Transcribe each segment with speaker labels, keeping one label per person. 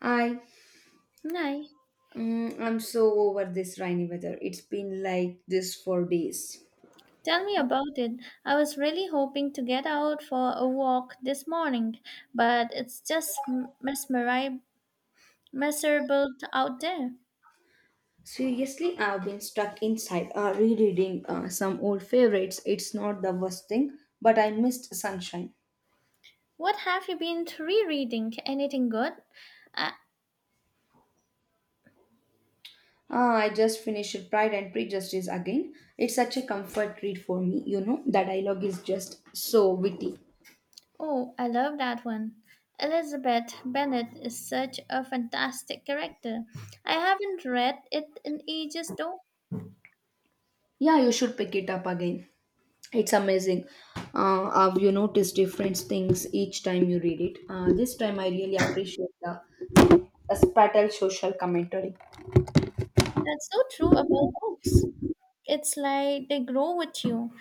Speaker 1: Hi,
Speaker 2: Nay,
Speaker 1: I'm so over this rainy weather. It's been like this for days.
Speaker 2: tell me about it. I was really hoping to get out for a walk this morning, but it's just miserable out there.
Speaker 1: Seriously, I've been stuck inside rereading some old favorites. It's not the worst thing, but I missed sunshine.
Speaker 2: What have you been rereading? Anything good? Uh,
Speaker 1: I just finished Pride and Prejudice again. It's such a comfort read for me. The dialogue is just so witty.
Speaker 2: oh, I love that one. Elizabeth Bennet is such a fantastic character. I haven't read it in ages though.
Speaker 1: Yeah, you should pick it up again. It's amazing. How you notice different things each time you read it. This time I really appreciate the a spattle social commentary.
Speaker 2: That's so true about books. It's like they grow with you.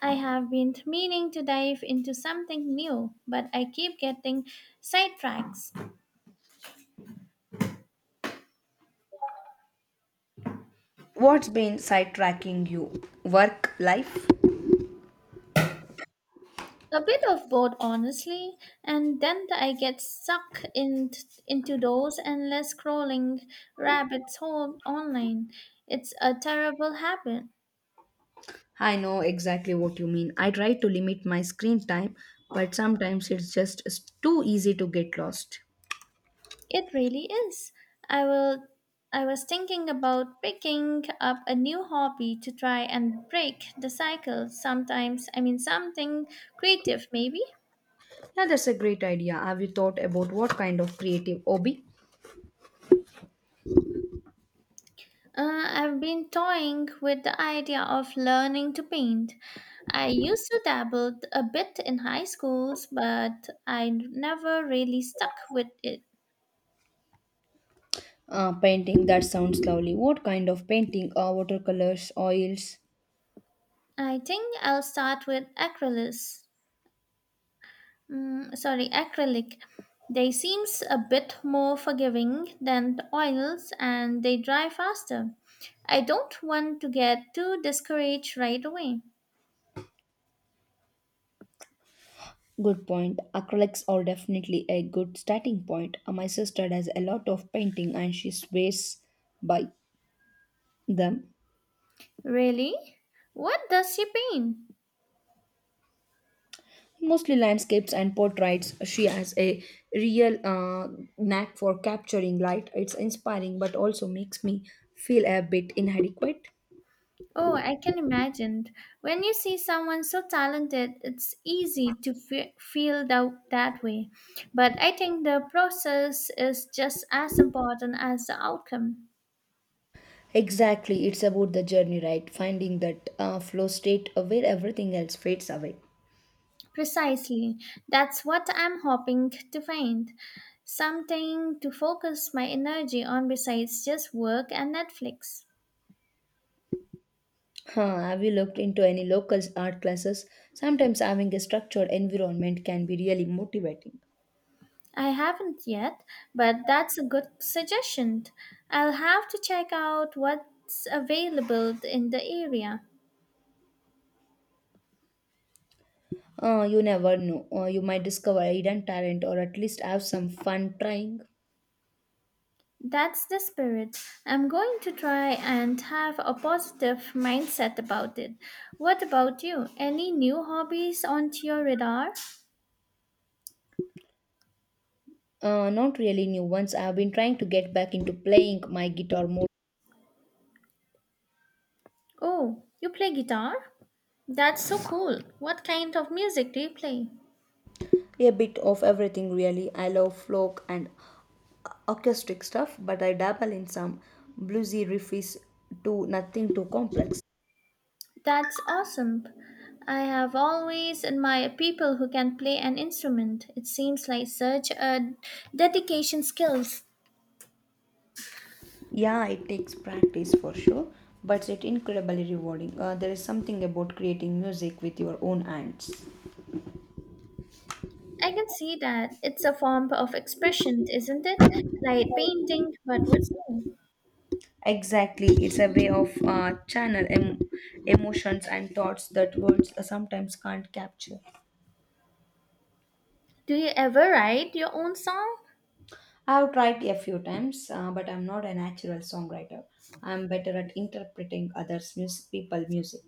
Speaker 2: I have been meaning to dive into something new, but I keep getting sidetracks.
Speaker 1: What's been sidetracking you? Work, life?
Speaker 2: A bit of both, honestly, and then I get stuck in, into those endless scrolling rabbit hole online. It's a terrible habit.
Speaker 1: I know exactly what you mean. I try to limit my screen time, but sometimes it's just too easy to get lost.
Speaker 2: It really is. I will. I was thinking about picking up a new hobby to try and break the cycle. Sometimes, I mean, something creative, maybe.
Speaker 1: Yeah, that's a great idea. Have you thought about what kind of creative hobby?
Speaker 2: I've been toying with the idea of learning to paint. I used to dabble a bit in high schools, but I never really stuck with it.
Speaker 1: Painting, that sounds lovely. What kind of painting? Watercolors, oils?
Speaker 2: I think I'll start with acrylics. Mm, sorry, acrylic. They seems a bit more forgiving than the oils and they dry faster. I don't want to get too discouraged right away.
Speaker 1: Good point. Acrylics are definitely a good starting point. My sister does a lot of painting and she swears by them.
Speaker 2: Really? What does she paint?
Speaker 1: Mostly landscapes and portraits. She has a real knack for capturing light. It's inspiring, but also makes me feel a bit inadequate.
Speaker 2: Oh, I can imagine. When you see someone so talented, it's easy to feel that way. But I think the process is just as important as the outcome.
Speaker 1: Exactly, it's about the journey, right? Finding that flow state where everything else fades away.
Speaker 2: Precisely. That's what I'm hoping to find. Something to focus my energy on besides just work and Netflix.
Speaker 1: Huh, have you looked into any local art classes? Sometimes having a structured environment can be really motivating.
Speaker 2: I haven't yet, but that's a good suggestion. I'll have to check out what's available in the area.
Speaker 1: You never know. You might discover a hidden talent or at least have some fun trying.
Speaker 2: That's the spirit. I'm going to try and have a positive mindset about it. What about you? Any new hobbies onto your radar?
Speaker 1: Not really new ones. I've been trying to get back into playing my guitar more.
Speaker 2: Oh, you play guitar? That's so cool. What kind of music do you play?
Speaker 1: A bit of everything, really. I love folk and acoustic stuff, but I dabble in some bluesy riffs too, nothing too complex.
Speaker 2: That's awesome. I have always admired people who can play an instrument. It seems like such a dedication skills.
Speaker 1: Yeah, it takes practice for sure, but it's incredibly rewarding. There is something about creating music with your own hands.
Speaker 2: I can see that it's a form of expression, isn't it? Like painting, but with song.
Speaker 1: Exactly, it's a way of emotions and thoughts that words sometimes can't capture.
Speaker 2: Do you ever write your own song?
Speaker 1: I've tried a few times, but I'm not a natural songwriter. I'm better at interpreting people music.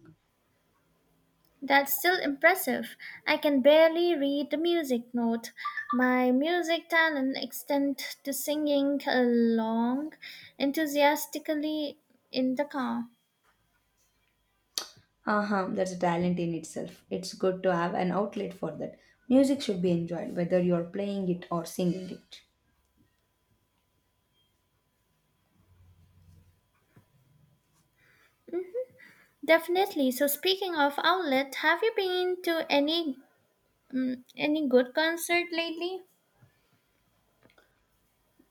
Speaker 2: That's still impressive. I can barely read the music note. My music talent extends to singing along enthusiastically in the car.
Speaker 1: Uh-huh, that's a talent in itself. It's good to have an outlet for that. Music should be enjoyed, whether you're playing it or singing it.
Speaker 2: Definitely. So speaking of outlet, have you been to any any good concert lately?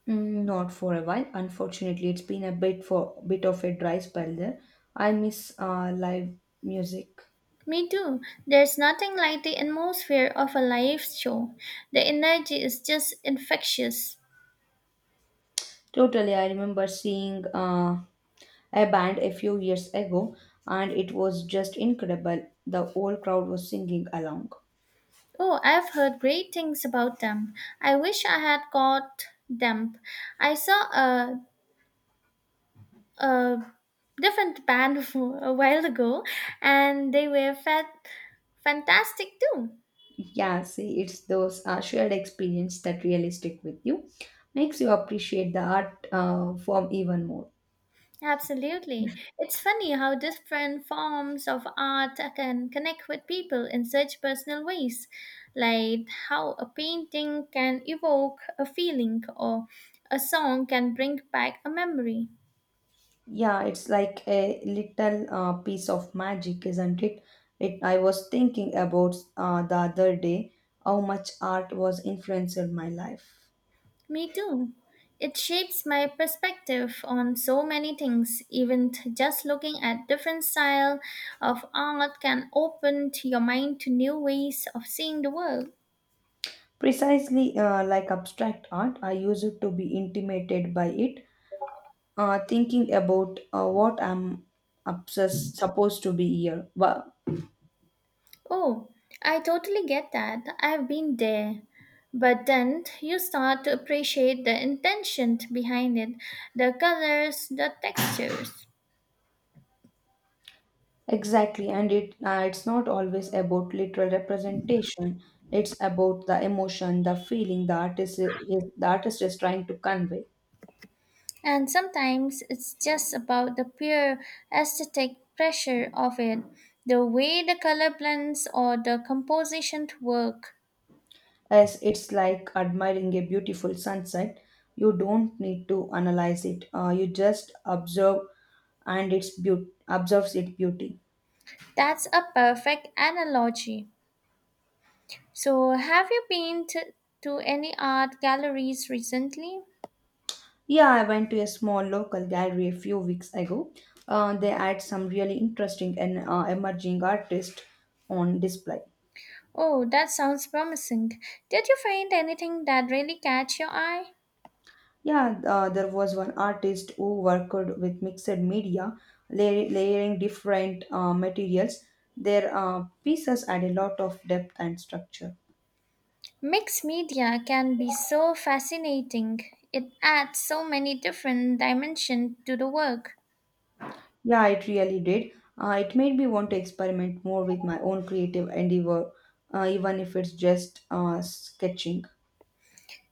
Speaker 1: Mm, not for a while. Unfortunately, it's been a bit for bit of a dry spell there. I miss live music.
Speaker 2: Me too. There's nothing like the atmosphere of a live show. The energy is just infectious.
Speaker 1: Totally, I remember seeing a band a few years ago and it was just incredible. The whole crowd was singing along.
Speaker 2: Oh, I've heard great things about them. I wish I had got them. I saw a different band a while ago and they were fantastic too.
Speaker 1: Yeah, see, it's those shared experience that really stick with you, makes you appreciate the art form even more.
Speaker 2: Absolutely. It's funny how different forms of art can connect with people in such personal ways, like how a painting can evoke a feeling or a song can bring back a memory.
Speaker 1: Yeah, it's like a little piece of magic, isn't it? I was thinking about the other day how much art was influenced my life.
Speaker 2: Me too. It shapes my perspective on so many things. Even just looking at different style of art can open to your mind to new ways of seeing the world.
Speaker 1: Precisely like abstract art, I used to be intimidated by it thinking about what I'm obsessed, supposed to be here. Wow.
Speaker 2: Oh, I totally get that. I've been there. But then you start to appreciate the intention behind it, the colors, the textures.
Speaker 1: Exactly, and it's not always about literal representation. It's about the emotion, the feeling the artist is trying to convey.
Speaker 2: And sometimes it's just about the pure aesthetic pressure of it, the way the color blends or the composition work.
Speaker 1: As it's like admiring a beautiful sunset. You don't need to analyze it. You just observe, and it's beaut observes its beauty.
Speaker 2: That's a perfect analogy. So, have you been to any art galleries recently?
Speaker 1: Yeah, I went to a small local gallery a few weeks ago. They had some really interesting and emerging artists on display.
Speaker 2: Oh, that sounds promising. Did you find anything that really catch your eye?
Speaker 1: Yeah, there was one artist who worked with mixed media, layering different materials. Their pieces had a lot of depth and structure.
Speaker 2: Mixed media can be so fascinating. It adds so many different dimensions to the work.
Speaker 1: Yeah, it really did. It made me want to experiment more with my own creative endeavor, even if it's just sketching.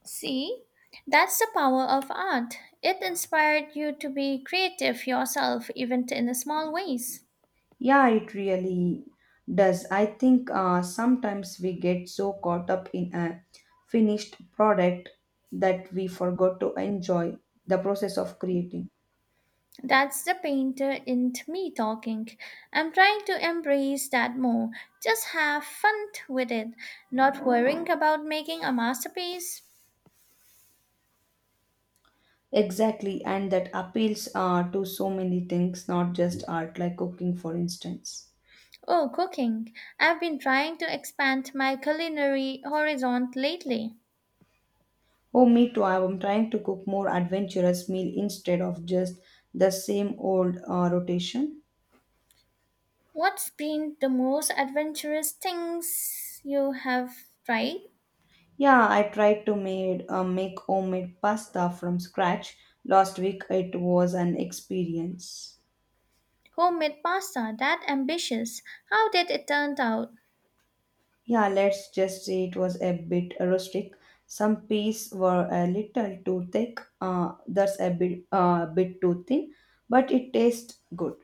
Speaker 2: See, that's the power of art. It inspired you to be creative yourself, even in the small ways.
Speaker 1: Yeah, it really does. I think sometimes we get so caught up in a finished product that we forgot to enjoy the process of creating.
Speaker 2: That's the painter in me talking. I'm trying to embrace that more. Just have fun with it, not worrying about making a masterpiece.
Speaker 1: Exactly, and that appeals to so many things, not just art, like cooking, for instance.
Speaker 2: Oh, cooking. I've been trying to expand my culinary horizon lately.
Speaker 1: Oh, me too. I'm trying to cook more adventurous meal instead of just the same old rotation.
Speaker 2: What's been the most adventurous things you have tried?
Speaker 1: Yeah, I tried to made make homemade pasta from scratch last week. It was an experience.
Speaker 2: Homemade pasta, that ambitious. How did it turn out?
Speaker 1: Yeah, let's just say it was a bit rustic. Some pieces were a little too thick. That's a bit too thin, but it tastes good.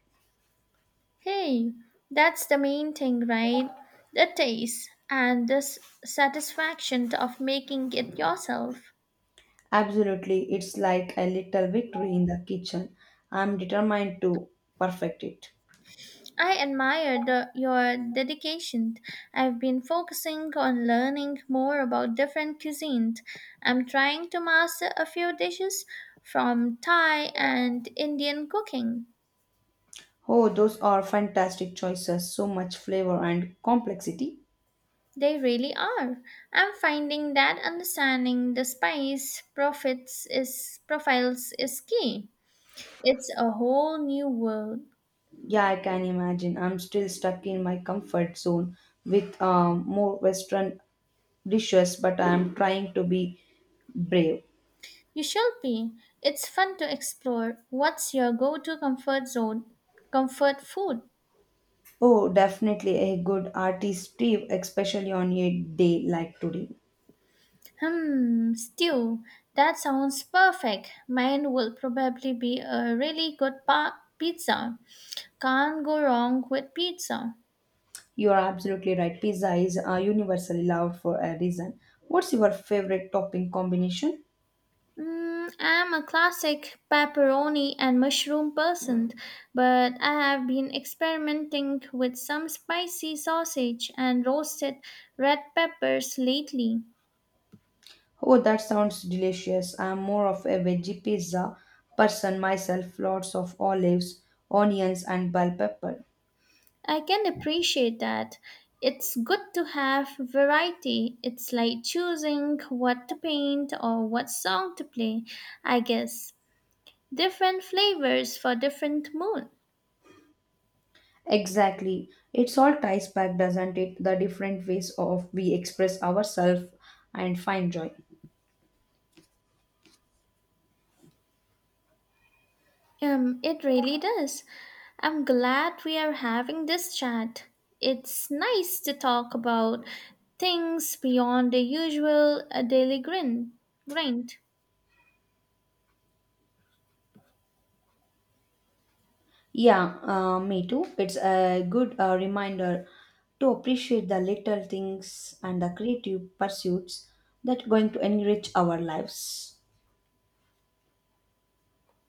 Speaker 2: Hey, that's the main thing, right? The taste and the satisfaction of making it yourself.
Speaker 1: Absolutely, it's like a little victory in the kitchen. I'm determined to perfect it.
Speaker 2: I admire your dedication. I've been focusing on learning more about different cuisines. I'm trying to master a few dishes from Thai and Indian cooking.
Speaker 1: Oh, those are fantastic choices. So much flavor and complexity.
Speaker 2: They really are. I'm finding that understanding the spice profits is profiles is key. It's a whole new world.
Speaker 1: Yeah, I can imagine. I'm still stuck in my comfort zone with more Western dishes, but I'm trying to be brave.
Speaker 2: You should be. It's fun to explore. What's your go-to comfort zone? Comfort food?
Speaker 1: Oh, definitely a good artistry, especially on a day like today.
Speaker 2: Hmm, stew. That sounds perfect. Mine will probably be a really good pizza. Can't go wrong with pizza.
Speaker 1: You are absolutely right. Pizza is universally loved for a reason. What's your favorite topping combination?
Speaker 2: Mm, I'm a classic pepperoni and mushroom person, but I have been experimenting with some spicy sausage and roasted red peppers lately.
Speaker 1: Oh, that sounds delicious. I'm more of a veggie pizza person myself. Lots of olives, onions, and bell pepper.
Speaker 2: I can appreciate that. It's good to have variety. It's like choosing what to paint or what song to play, I guess. Different flavors for different moods.
Speaker 1: Exactly. It's all ties back, doesn't it? The different ways of we express ourselves and find joy.
Speaker 2: It really does. I'm glad we are having this chat. It's nice to talk about things beyond the usual daily grind.
Speaker 1: Yeah, me too. It's a good reminder to appreciate the little things and the creative pursuits that going to enrich our lives.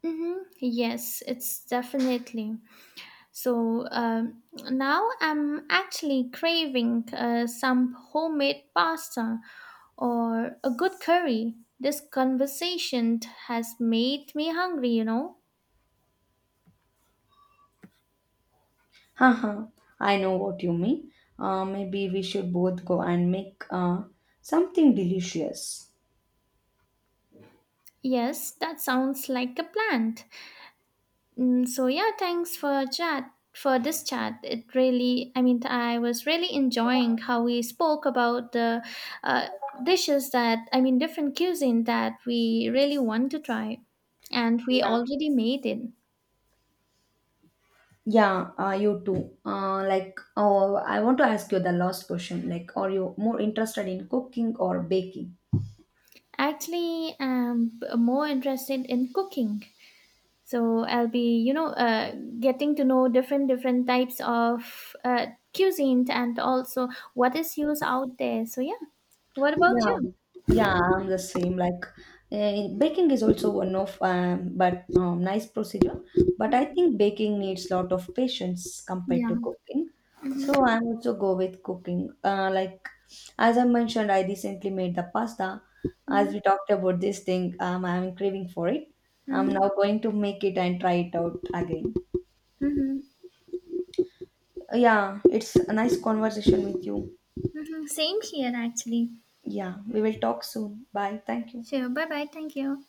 Speaker 2: Mm-hmm. Yes, it's definitely. So um, now I'm actually craving some homemade pasta or a good curry. This conversation has made me hungry, you know.
Speaker 1: Haha, I know what you mean. Maybe we should both go and make something delicious.
Speaker 2: Yes, that sounds like a plan. Mm, so yeah, thanks for this chat. It really, I mean, I was really enjoying how we spoke about the uh, dishes that I mean, different cuisine that we really want to try, and we
Speaker 1: Yeah.
Speaker 2: already made it.
Speaker 1: Yeah, you too. Like, oh, I want to ask you the last question. Like, are you more interested in cooking or baking?
Speaker 2: Actually, more interested in cooking. So I'll be, you know, getting to know different types of cuisine and also what is used out there. So yeah, what about
Speaker 1: Yeah,
Speaker 2: you?
Speaker 1: yeah, I'm the same. Like, baking is also one of but nice procedure. But I think baking needs lot of patience compared to
Speaker 2: Yeah.
Speaker 1: cooking. So I also go with cooking. Like as I mentioned, I recently made the pasta. As we talked about this thing, I'm craving for it. I'm
Speaker 2: Mm-hmm.
Speaker 1: now going to make it and try it out again.
Speaker 2: Mm-hmm.
Speaker 1: Yeah, it's a nice conversation with you.
Speaker 2: Mm-hmm. Same here, actually.
Speaker 1: Yeah, we will talk soon. Bye. Thank you.
Speaker 2: Sure. Bye bye. Thank you.